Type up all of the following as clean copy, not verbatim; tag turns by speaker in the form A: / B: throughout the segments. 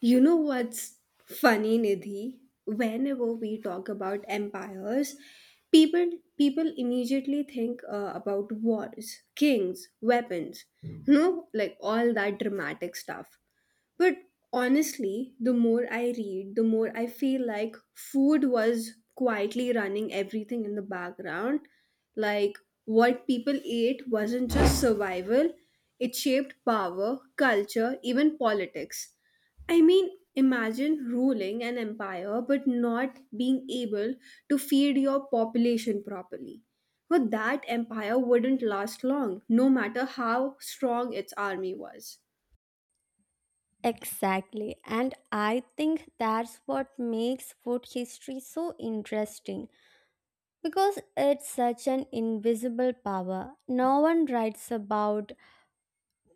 A: You know what's funny, Nidhi? Whenever we talk about empires, people people immediately think about wars, kings, weapons, like all that dramatic stuff. But honestly, the more I read, the more I feel like food was quietly running everything in the background. Like what people ate wasn't just survival, it shaped power, culture, even politics. I mean, imagine ruling an empire but not being able to feed your population properly. But that empire wouldn't last long, no matter how strong its army was.
B: Exactly. And I think that's what makes food history so interesting because it's such an invisible power. No one writes about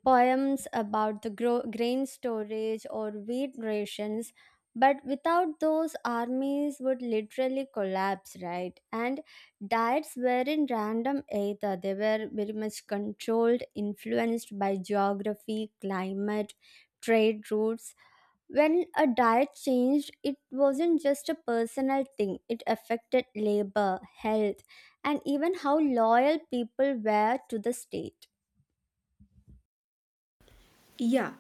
B: poems about the grain storage or wheat rations, but without those, armies would literally collapse, right? And diets weren't random either, they were very much controlled, influenced by geography, climate, trade routes when a diet changed, it wasn't just a personal thing, it affected labor, health, and even how loyal people were to the state.
A: Yeah,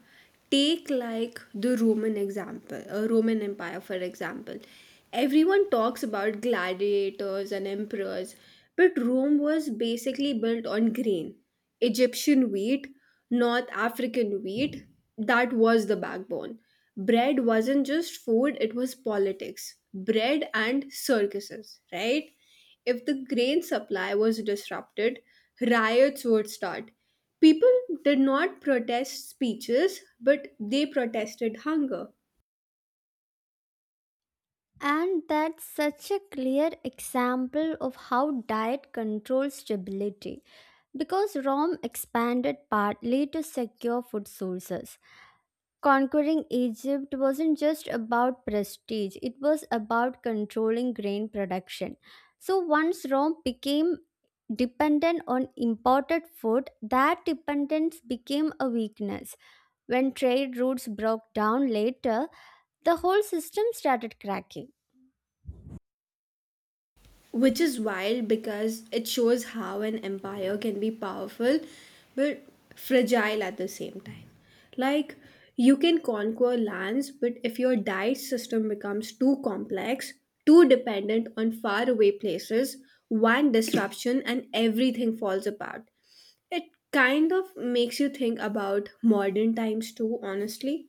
A: take like the Roman example, Roman Empire for example. Everyone talks about gladiators and emperors, but Rome was basically built on grain, Egyptian wheat, North African wheat. That was the backbone. Bread wasn't just food, it was politics, bread and circuses, right? If the grain supply was disrupted, riots would start. People did not protest speeches, but they protested hunger.
B: And that's such a clear example of how diet controls stability. Because Rome expanded partly to secure food sources. Conquering Egypt wasn't just about prestige, it was about controlling grain production. So once Rome became dependent on imported food, that dependence became a weakness. When trade routes broke down later, the whole system started cracking.
A: Which is wild because it shows how an empire can be powerful but fragile at the same time. Like, you can conquer lands, but if your diet system becomes too complex, too dependent on faraway places, one disruption and everything falls apart. It kind of makes you think about modern times too, honestly.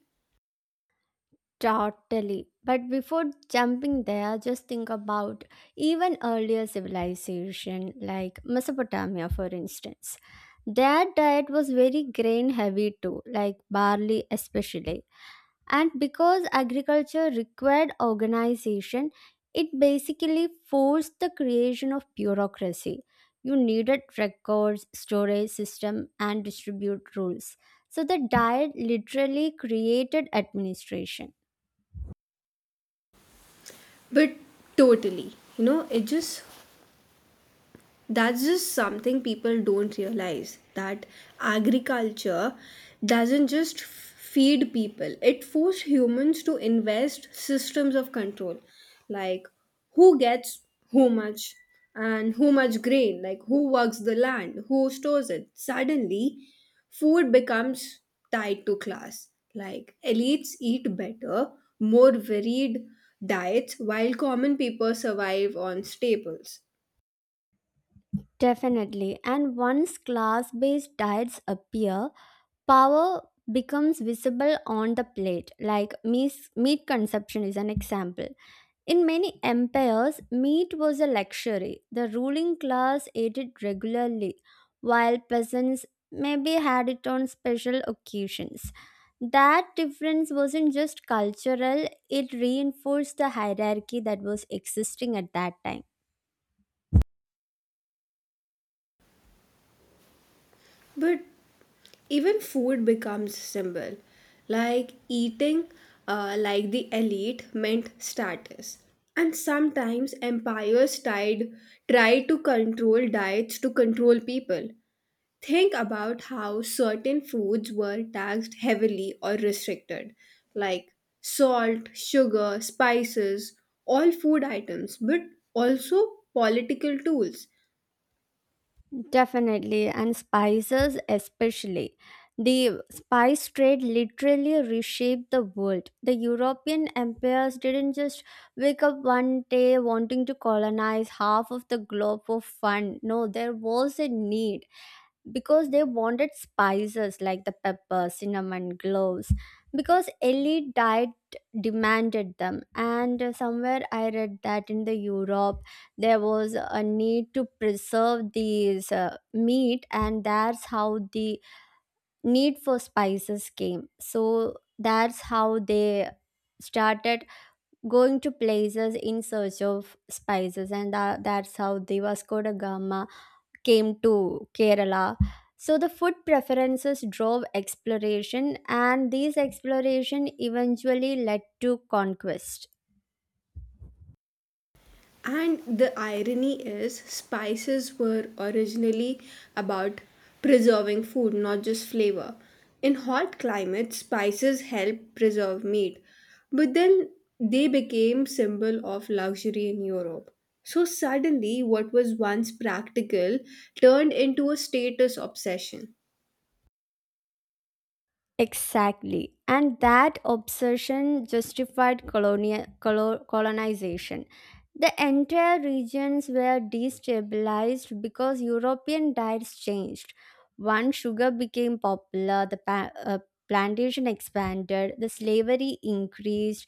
B: Totally. But before jumping there, just think about even earlier civilization like Mesopotamia, for instance. Their diet was very grain heavy too, like barley especially. And because agriculture required organization, it basically forced the creation of bureaucracy. You needed records, storage system, and distribute rules. So the diet literally created administration.
A: But totally. You know, it just That's just something people don't realize, that agriculture doesn't just feed people, it forced humans to invest systems of control, like who gets who much and who much grain, like who works the land, who stores it. Suddenly, food becomes tied to class. Like elites eat better, more varied diets, while common people survive on staples.
B: Definitely. And once class based diets appear, power becomes visible on the plate. Like meat consumption is an example. In many empires, meat was a luxury. The ruling class ate it regularly, while peasants maybe had it on special occasions. That difference wasn't just cultural, it reinforced the hierarchy that was existing at that time.
A: But even food becomes symbol, like eating like the elite meant status, and sometimes empires tried try to control diets to control people. Think about how certain foods were taxed heavily or restricted, like salt, sugar, spices, all food items but also political tools.
B: Definitely, and spices especially. The spice trade literally reshaped the world. The European empires didn't just wake up one day wanting to colonize half of the globe for fun. No, there was a need because they wanted spices like the pepper, cinnamon, cloves, because elite diet demanded them. And somewhere I read that in the Europe there was a need to preserve these meat, and that's how the need for spices came. So that's how they started going to places in search of spices and that's how the Vasco da Gama came to Kerala. So the food preferences drove exploration, and these exploration eventually led to conquest.
A: And the irony is, spices were originally about preserving food, not just flavor. In hot climates, spices help preserve meat, but then they became symbol of luxury in Europe. So suddenly, what was once practical turned into a status obsession.
B: Exactly. And that obsession justified colonization. The entire regions were destabilized because European diets changed. One, sugar became popular, the plantation expanded, the slavery increased,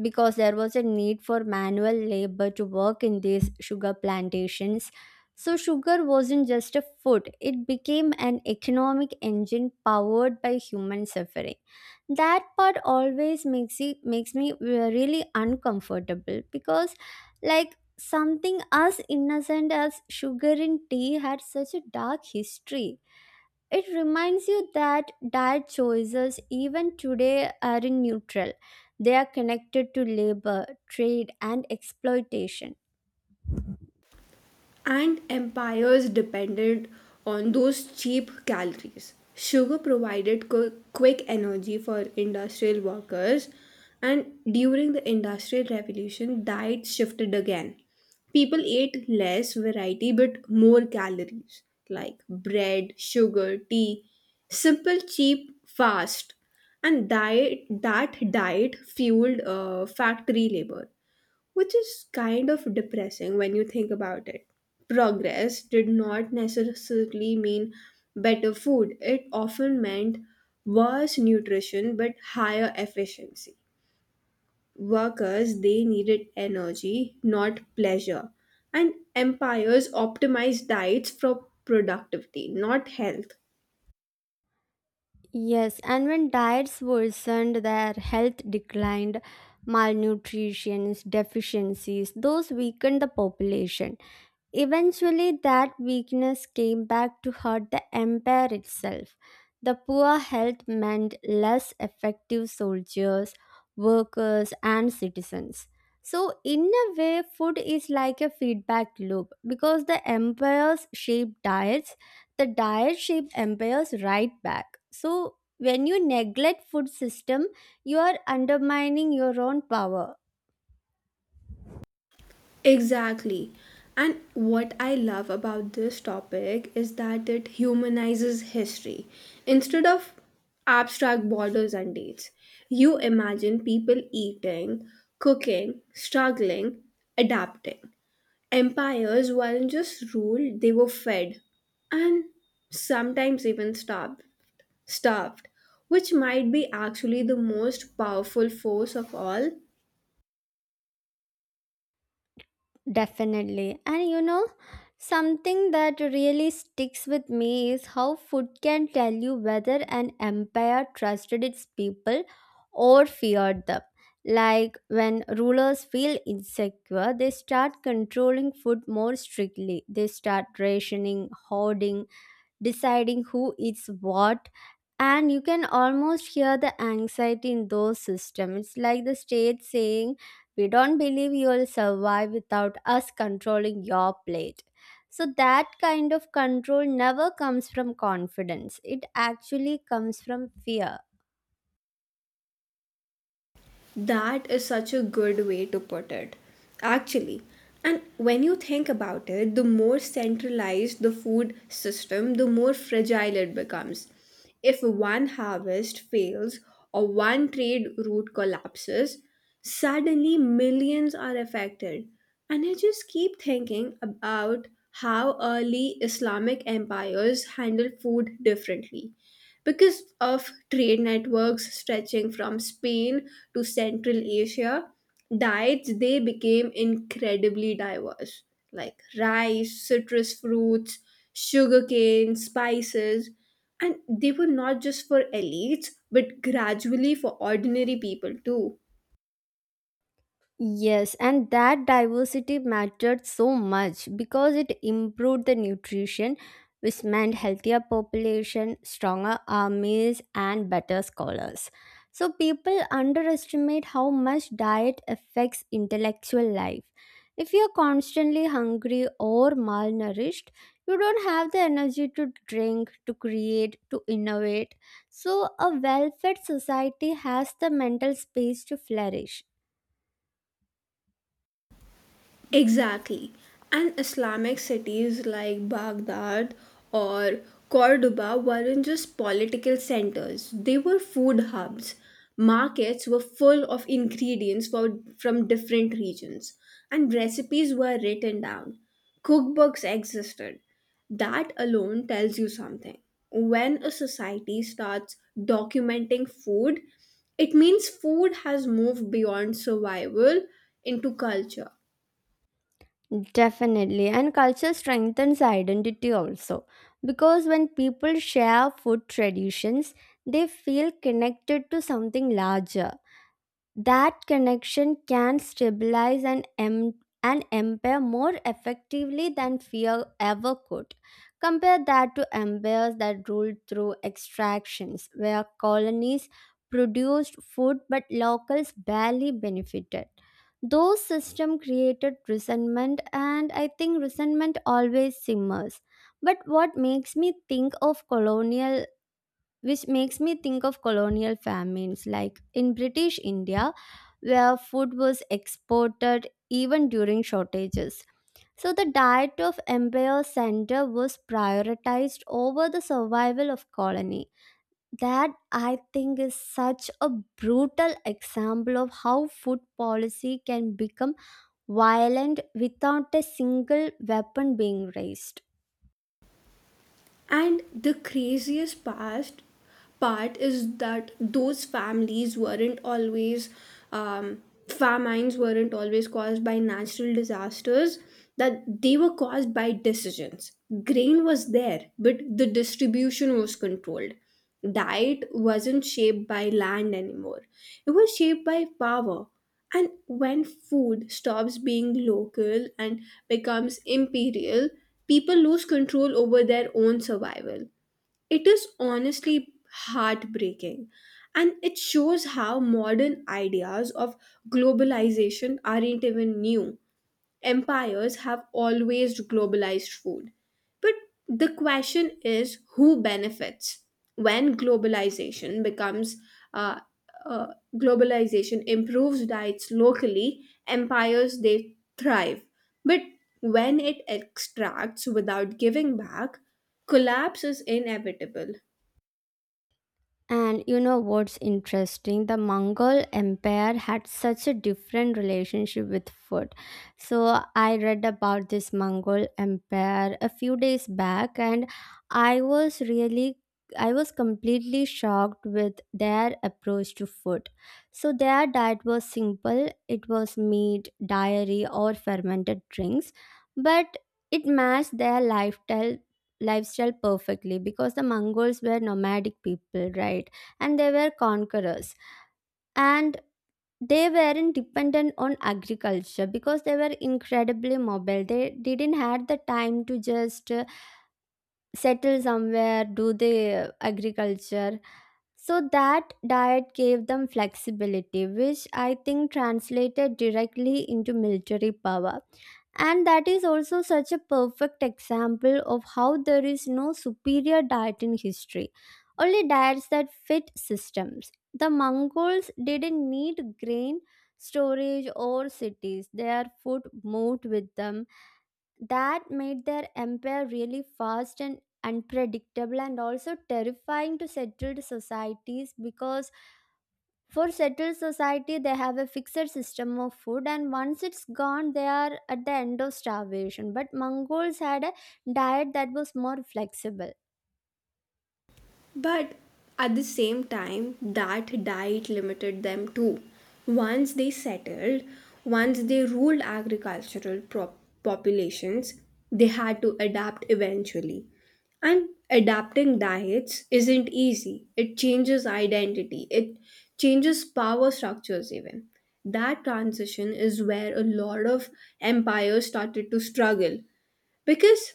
B: because there was a need for manual labor to work in these sugar plantations. So, sugar wasn't just a food, it became an economic engine powered by human suffering. That part always makes, it, makes me really uncomfortable because, like, something as innocent as sugar in tea had such a dark history. It reminds you that diet choices, even today, aren't neutral. They are connected to labor, trade, and exploitation.
A: And empires depended on those cheap calories. Sugar provided quick energy for industrial workers, and during the Industrial Revolution, diet shifted again. People ate less variety but more calories, like bread, sugar, tea, simple, cheap, fast. And that diet fueled factory labor, which is kind of depressing when you think about it. Progress did not necessarily mean better food, it often meant worse nutrition but higher efficiency. Workers, they needed energy, not pleasure, and empires optimized diets for productivity, not health.
B: Yes, and when diets worsened, their health declined, malnutrition, deficiencies, those weakened the population. Eventually, that weakness came back to hurt the empire itself. The poor health meant less effective soldiers, workers, and citizens. So, in a way, food is like a feedback loop because the empires shape diets, the diet shape empires right back. So, when you neglect food system, you are undermining your own power.
A: Exactly. And what I love about this topic is that it humanizes history. Instead of abstract borders and dates, you imagine people eating, cooking, struggling, adapting. Empires weren't just ruled, they were fed and sometimes even starved, which might be actually the most powerful force of all.
B: Definitely. And you know, something that really sticks with me is how food can tell you whether an empire trusted its people or feared them. Like when rulers feel insecure, they start controlling food more strictly. They start rationing, hoarding, deciding who eats what, and you can almost hear the anxiety in those systems. It's like the state saying we don't believe you'll survive without us controlling your plate. So that kind of control never comes from confidence, it actually comes from fear.
A: That is such a good way to put it, actually. And when you think about it, the more centralized the food system, the more fragile it becomes. If one harvest fails or one trade route collapses, suddenly millions are affected. And I just keep thinking about how early Islamic empires handled food differently. Because of trade networks stretching from Spain to Central Asia, diets they became incredibly diverse, like rice, citrus fruits, sugarcane, spices, and they were not just for elites but gradually for ordinary people too.
B: Yes, and that diversity mattered so much because it improved the nutrition, which meant healthier population, stronger armies, and better scholars. So people underestimate how much diet affects intellectual life. If you're constantly hungry or malnourished, you don't have the energy to drink, to create, to innovate. So a well-fed society has the mental space to flourish.
A: Exactly. And Islamic cities like Baghdad or Cordoba weren't just political centers, they were food hubs. Markets were full of ingredients for, from different regions, and recipes were written down. Cookbooks existed. That alone tells you something. When a society starts documenting food, it means food has moved beyond survival into culture.
B: Definitely, and culture strengthens identity also because when people share food traditions, they feel connected to something larger. That connection can stabilize and empower more effectively than fear ever could. Compare that to empires that ruled through extractions, where colonies produced food but locals barely benefited. Those systems created resentment, and I think resentment always simmers. But what makes me think of colonial which makes me think of colonial famines like in British India where food was exported even during shortages, so the diet of empire center was prioritized over the survival of colony. That I think is such a brutal example of how food policy can become violent without a single weapon being raised.
A: And the craziest past part is that those families weren't always um, famines weren't always caused by natural disasters. That they were caused by decisions. Grain was there, but the distribution was controlled. Diet wasn't shaped by land anymore. It was shaped by power. And when food stops being local and becomes imperial, people lose control over their own survival. It is honestly heartbreaking. And it shows how modern ideas of globalization aren't even new. Empires have always globalized food. But the question is who benefits. When globalization becomes uh, uh, globalization improves diets locally, empires they thrive. But when it extracts without giving back, collapse is inevitable.
B: And you know what's interesting? The Mongol Empire had such a different relationship with food. So I read about this Mongol Empire a few days back and I was completely shocked with their approach to food. So their diet was simple. It was meat, dairy or fermented drinks, but it matched their lifestyle perfectly because the Mongols were nomadic people, right? And they were conquerors. And they weren't dependent on agriculture because they were incredibly mobile. They didn't have the time to just settle somewhere, do the agriculture. So that diet gave them flexibility, which I think translated directly into military power. And that is also such a perfect example of how there is no superior diet in history, only diets that fit systems. The Mongols didn't need grain storage or cities, their food moved with them. That made their empire really fast and unpredictable and also terrifying to settled societies because for settled society, they have a fixed system of food, and once it's gone, they are at the end of starvation. But Mongols had a diet that was more flexible.
A: But at the same time, that diet limited them too. Once they settled, once they ruled agricultural populations, they had to adapt eventually. And adapting diets isn't easy. It changes identity, it changes power structures, even. That transition is where a lot of empires started to struggle, because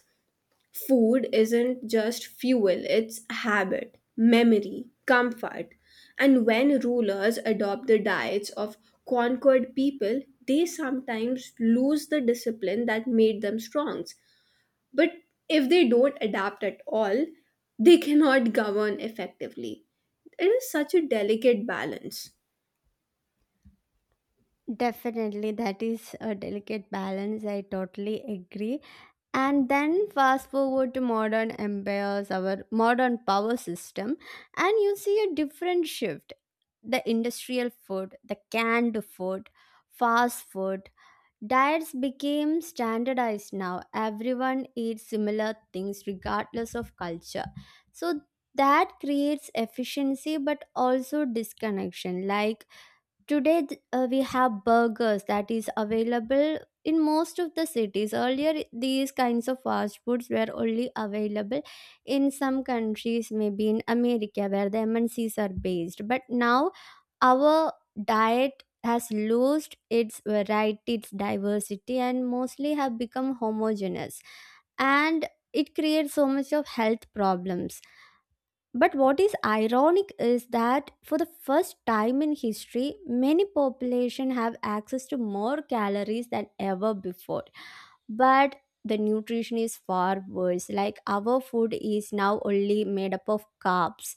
A: food isn't just fuel, it's habit, memory, comfort. And when rulers adopt the diets of conquered people, they sometimes lose the discipline that made them strong. But if they don't adapt at all, they cannot govern effectively. It is such a delicate balance.
B: Definitely, that is a delicate balance. I totally agree. And then fast forward to modern empires, our modern power system, and you see a different shift. The industrial food, the canned food, fast food, diets became standardized now. Everyone eats similar things regardless of culture. So that creates efficiency but also disconnection. Like today we have burgers that is available in most of the cities earlier these kinds of fast foods were only available in some countries maybe in America where the MNCs are based, but now our diet has lost its variety, its diversity and mostly have become homogeneous, and it creates so much of health problems. But what is ironic is that for the first time in history, many population have access to more calories than ever before. But the nutrition is far worse. Like our food is now only made up of carbs.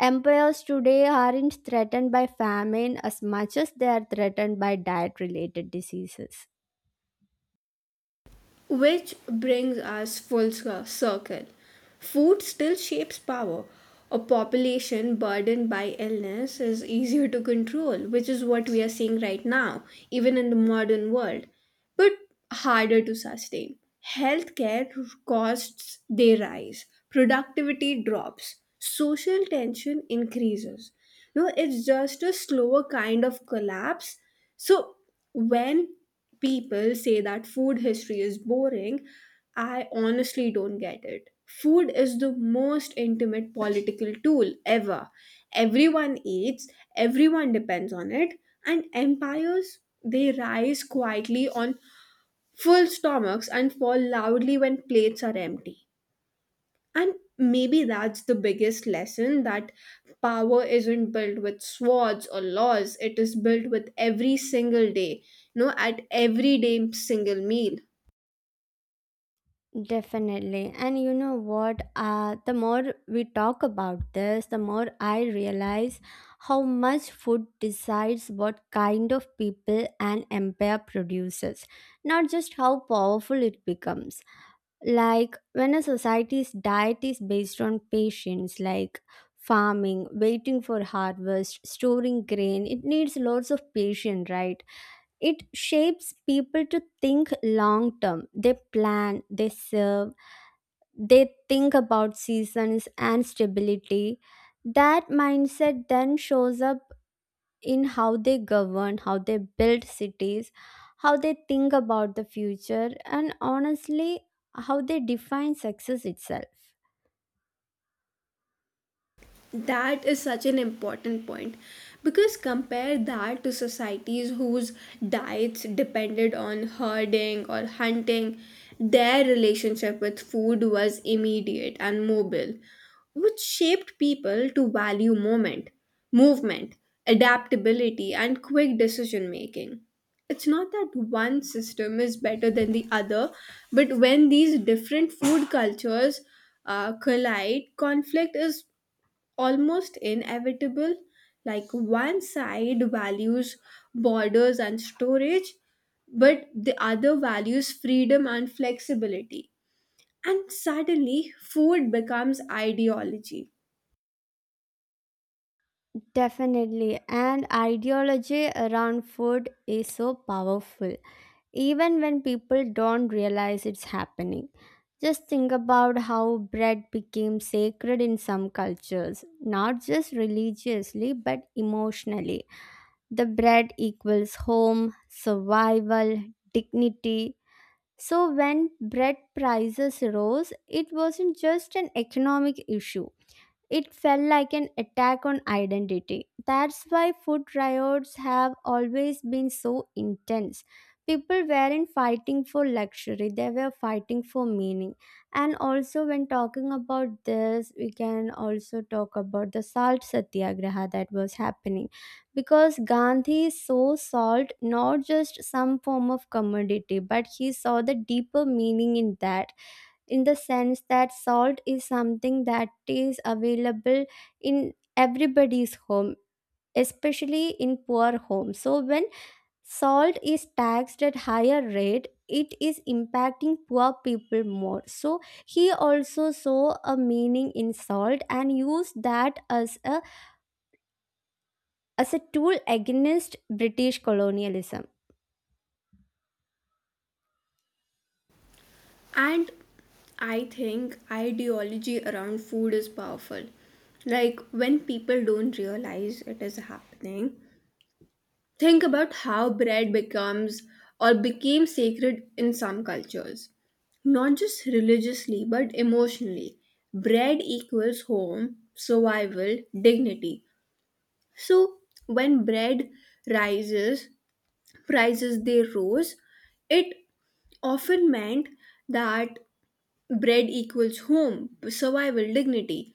B: Empires today aren't threatened by famine as much as they are threatened by diet related diseases.
A: Which brings us full circle. Food still shapes power. A population burdened by illness is easier to control, which is what we are seeing right now, even in the modern world, but harder to sustain. Healthcare costs they rise, productivity drops, social tension increases. No, it's just a slower kind of collapse. So when people say that food history is boring, I honestly don't get it. Food is the most intimate political tool ever. Everyone eats, everyone depends on it, and empires they rise quietly on full stomachs and fall loudly when plates are empty. And maybe that's the biggest lesson, that power isn't built with swords or laws, it is built with every single day, at every day, single meal.
B: Definitely. And you know what? The more we talk about this, the more I realize how much food decides what kind of people an empire produces, not just how powerful it becomes. Like when a society's diet is based on patience, like farming, waiting for harvest, storing grain, it needs lots of patience, right? It shapes people to think long term. They plan, they serve, they think about seasons and stability. That mindset then shows up in how they govern, how they build cities, how they think about the future, and honestly, how they define success itself.
A: That is such an important point, because compare that to societies whose diets depended on herding or hunting, their relationship with food was immediate and mobile, which shaped people to value movement, adaptability, and quick decision making. It's not that one system is better than the other, but when these different food cultures collide, conflict is almost inevitable. Like one side values borders and storage, but the other values freedom and flexibility. And suddenly, food becomes ideology.
B: Definitely, and ideology around food is so powerful, even when people don't realize it's happening. Just think about how bread became sacred in some cultures, not just religiously but emotionally. The bread equals home, survival, dignity. So, when bread prices rose, it wasn't just an economic issue, it felt like an attack on identity. That's why food riots have always been so intense. People weren't fighting for luxury, they were fighting for meaning. And also, when talking about this, we can also talk about the salt satyagraha that was happening. Because Gandhi saw salt not just some form of commodity, but he saw the deeper meaning in that, in the sense that salt is something that is available in everybody's home, especially in poor homes. So when salt is taxed at higher rate, it is impacting poor people more. So he also saw a meaning in salt and used that as a tool against British colonialism.
A: And I think ideology around food is powerful. Like when people don't realize it is happening, think about how bread becomes or became sacred in some cultures. Not just religiously, but emotionally. Bread equals home, survival, dignity. So when rises, prices they rose, it often meant that bread equals home, survival, dignity,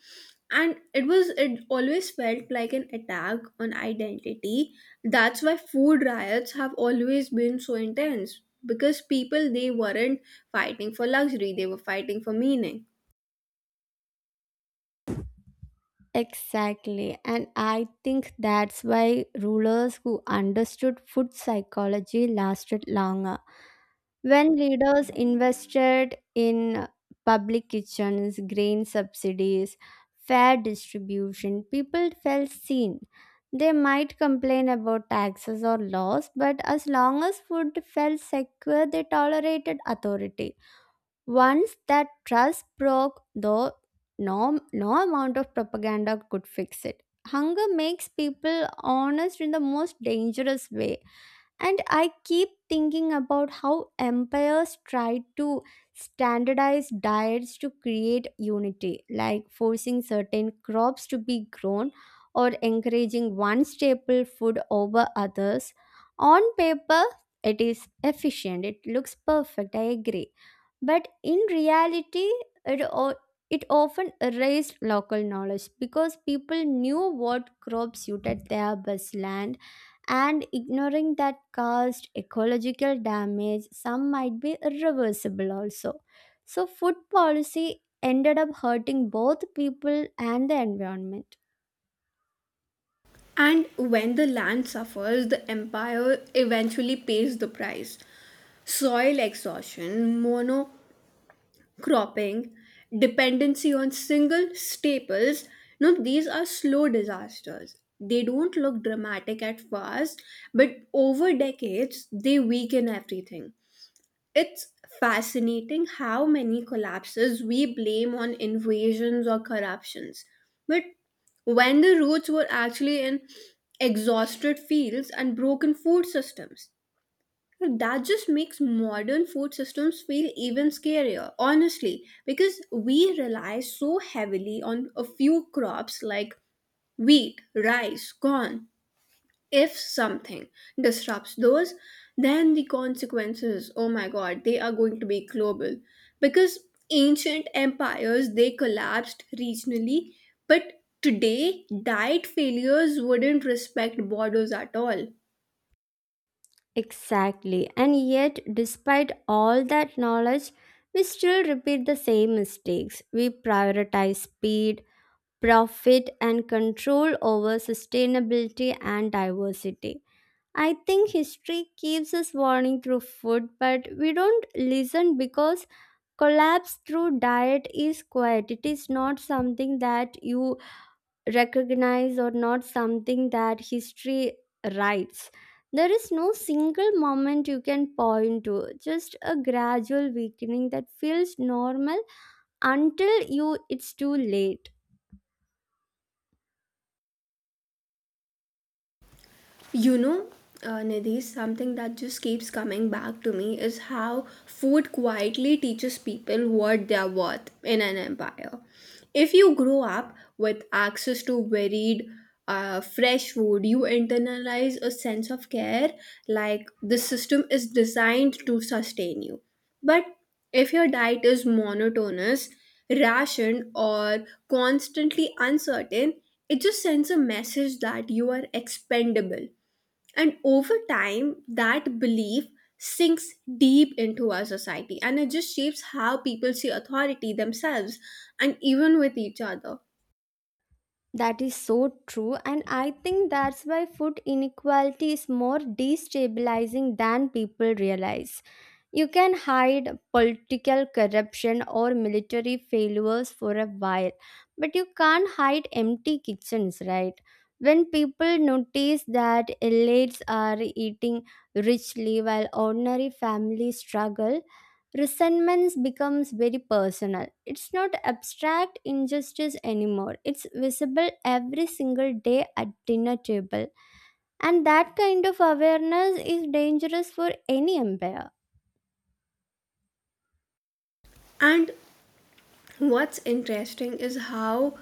A: and it was, it always felt like an attack on identity. That's why food riots have always been so intense, because people they weren't fighting for luxury, they were fighting for meaning.
B: Exactly. And I think that's why rulers who understood food psychology lasted longer. When leaders invested in public kitchens, grain subsidies, fair distribution, people felt seen. They might complain about taxes or laws, but as long as food felt secure, they tolerated authority. Once that trust broke, though, no, no amount of propaganda could fix it. Hunger makes people honest in the most dangerous way. And I keep thinking about how empires tried to standardize diets to create unity, like forcing certain crops to be grown or encouraging one staple food over others. On paper, it is efficient, it looks perfect, I agree. But in reality, it, o- it often erased local knowledge because people knew what crops suited their best land, and ignoring that caused ecological damage, some might be irreversible also. So food policy ended up hurting both people and the environment.
A: And when the land suffers, the empire eventually pays the price. Soil exhaustion, mono cropping, dependency on single staples. Now, these are slow disasters. They don't look dramatic at first, but over decades, they weaken everything. It's fascinating how many collapses we blame on invasions or corruptions. But when the roots were actually in exhausted fields and broken food systems. So that just makes modern food systems feel even scarier, honestly, because we rely so heavily on a few crops like wheat, rice, corn. If something disrupts those, then the consequences, oh my god, they are going to be global. Because ancient empires, they collapsed regionally, but today, diet failures wouldn't respect borders at all.
B: Exactly, and yet despite all that knowledge we still repeat the same mistakes. We prioritize speed, profit and control over sustainability and diversity. I think history keeps us warning through food, but we don't listen because collapse through diet is quiet. It is not something that you recognize or not something that history writes. There is no single moment you can point to, just a gradual weakening that feels normal until you it's too late.
A: You know, Nidhi, something that just keeps coming back to me is how food quietly teaches people what they're worth in an empire. If you grow up with access to fresh food, you internalize a sense of care, like the system is designed to sustain you. But if your diet is monotonous, rationed, or constantly uncertain, it just sends a message that you are expendable, and over time, that belief sinks deep into our society, and it just shapes how people see authority themselves and even with each other.
B: That is so true, and I think that's why food inequality is more destabilizing than people realize. You can hide political corruption or military failures for a while, but you can't hide empty kitchens, right? When people notice that elites are eating richly while ordinary families struggle, resentment becomes very personal. It's not abstract injustice anymore, it's visible every single day at dinner table. And that kind of awareness is dangerous for any empire.
A: And what's interesting is how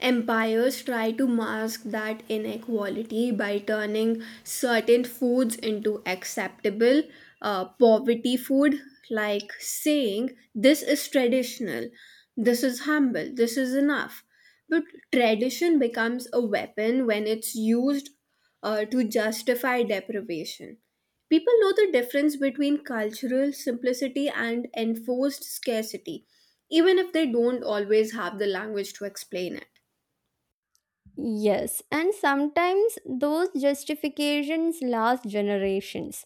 A: empires try to mask that inequality by turning certain foods into acceptable poverty food, like saying, "This is traditional, this is humble, this is enough." But tradition becomes a weapon when it's used to justify deprivation. People know the difference between cultural simplicity and enforced scarcity, even if they don't always have the language to explain it.
B: Yes, and sometimes those justifications last generations.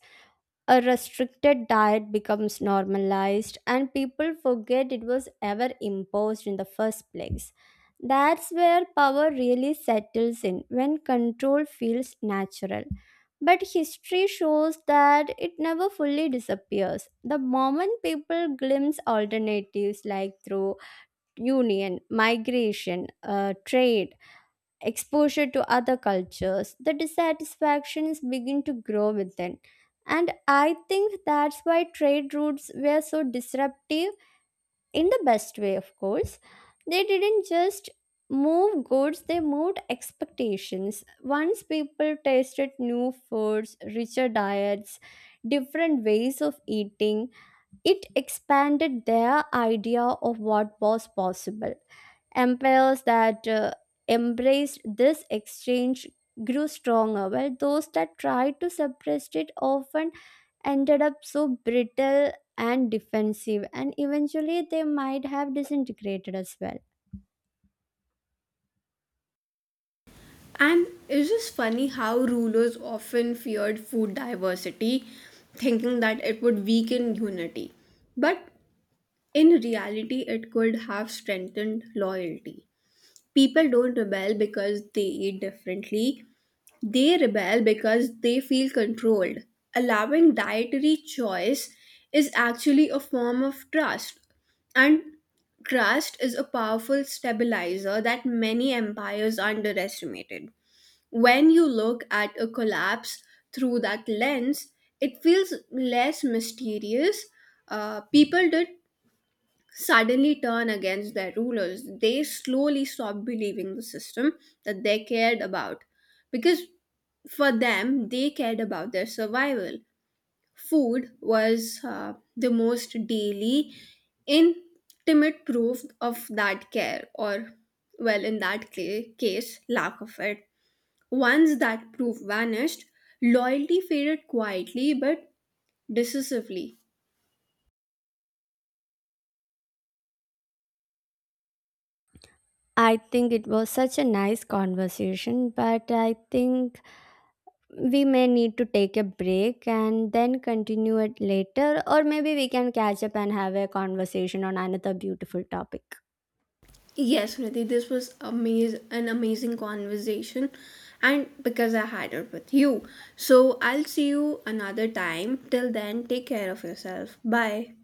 B: A restricted diet becomes normalized, and people forget it was ever imposed in the first place. That's where power really settles in when control feels natural. But history shows that it never fully disappears. The moment people glimpse alternatives like through union, migration, trade, exposure to other cultures, the dissatisfactions begin to grow within. And I think that's why trade routes were so disruptive in the best way, of course. They didn't just move goods, they moved expectations. Once people tasted new foods, richer diets, different ways of eating, it expanded their idea of what was possible. Empires that embraced this exchange grew stronger while those that tried to suppress it often ended up so brittle and defensive, and eventually they might have disintegrated as well.
A: And it's just funny how rulers often feared food diversity, thinking that it would weaken unity. But in reality, it could have strengthened loyalty. People don't rebel because they eat differently, they rebel because they feel controlled. Allowing dietary choice is actually a form of trust, and trust is a powerful stabilizer that many empires underestimated. When you look at a collapse through that lens, it feels less mysterious. People did suddenly turn against their rulers, they slowly stop believing the system that they cared about. Because for them, they cared about their survival. Food was the most daily, intimate proof of that care, or, well, in that case, lack of it. Once that proof vanished, loyalty faded quietly but decisively.
B: I think it was such a nice conversation, but I think we may need to take a break and then continue it later, or maybe we can catch up and have a conversation on another beautiful topic.
A: Yes, Nidhi, this was an amazing conversation, and because I had it with you. So I'll see you another time. Till then, take care of yourself. Bye.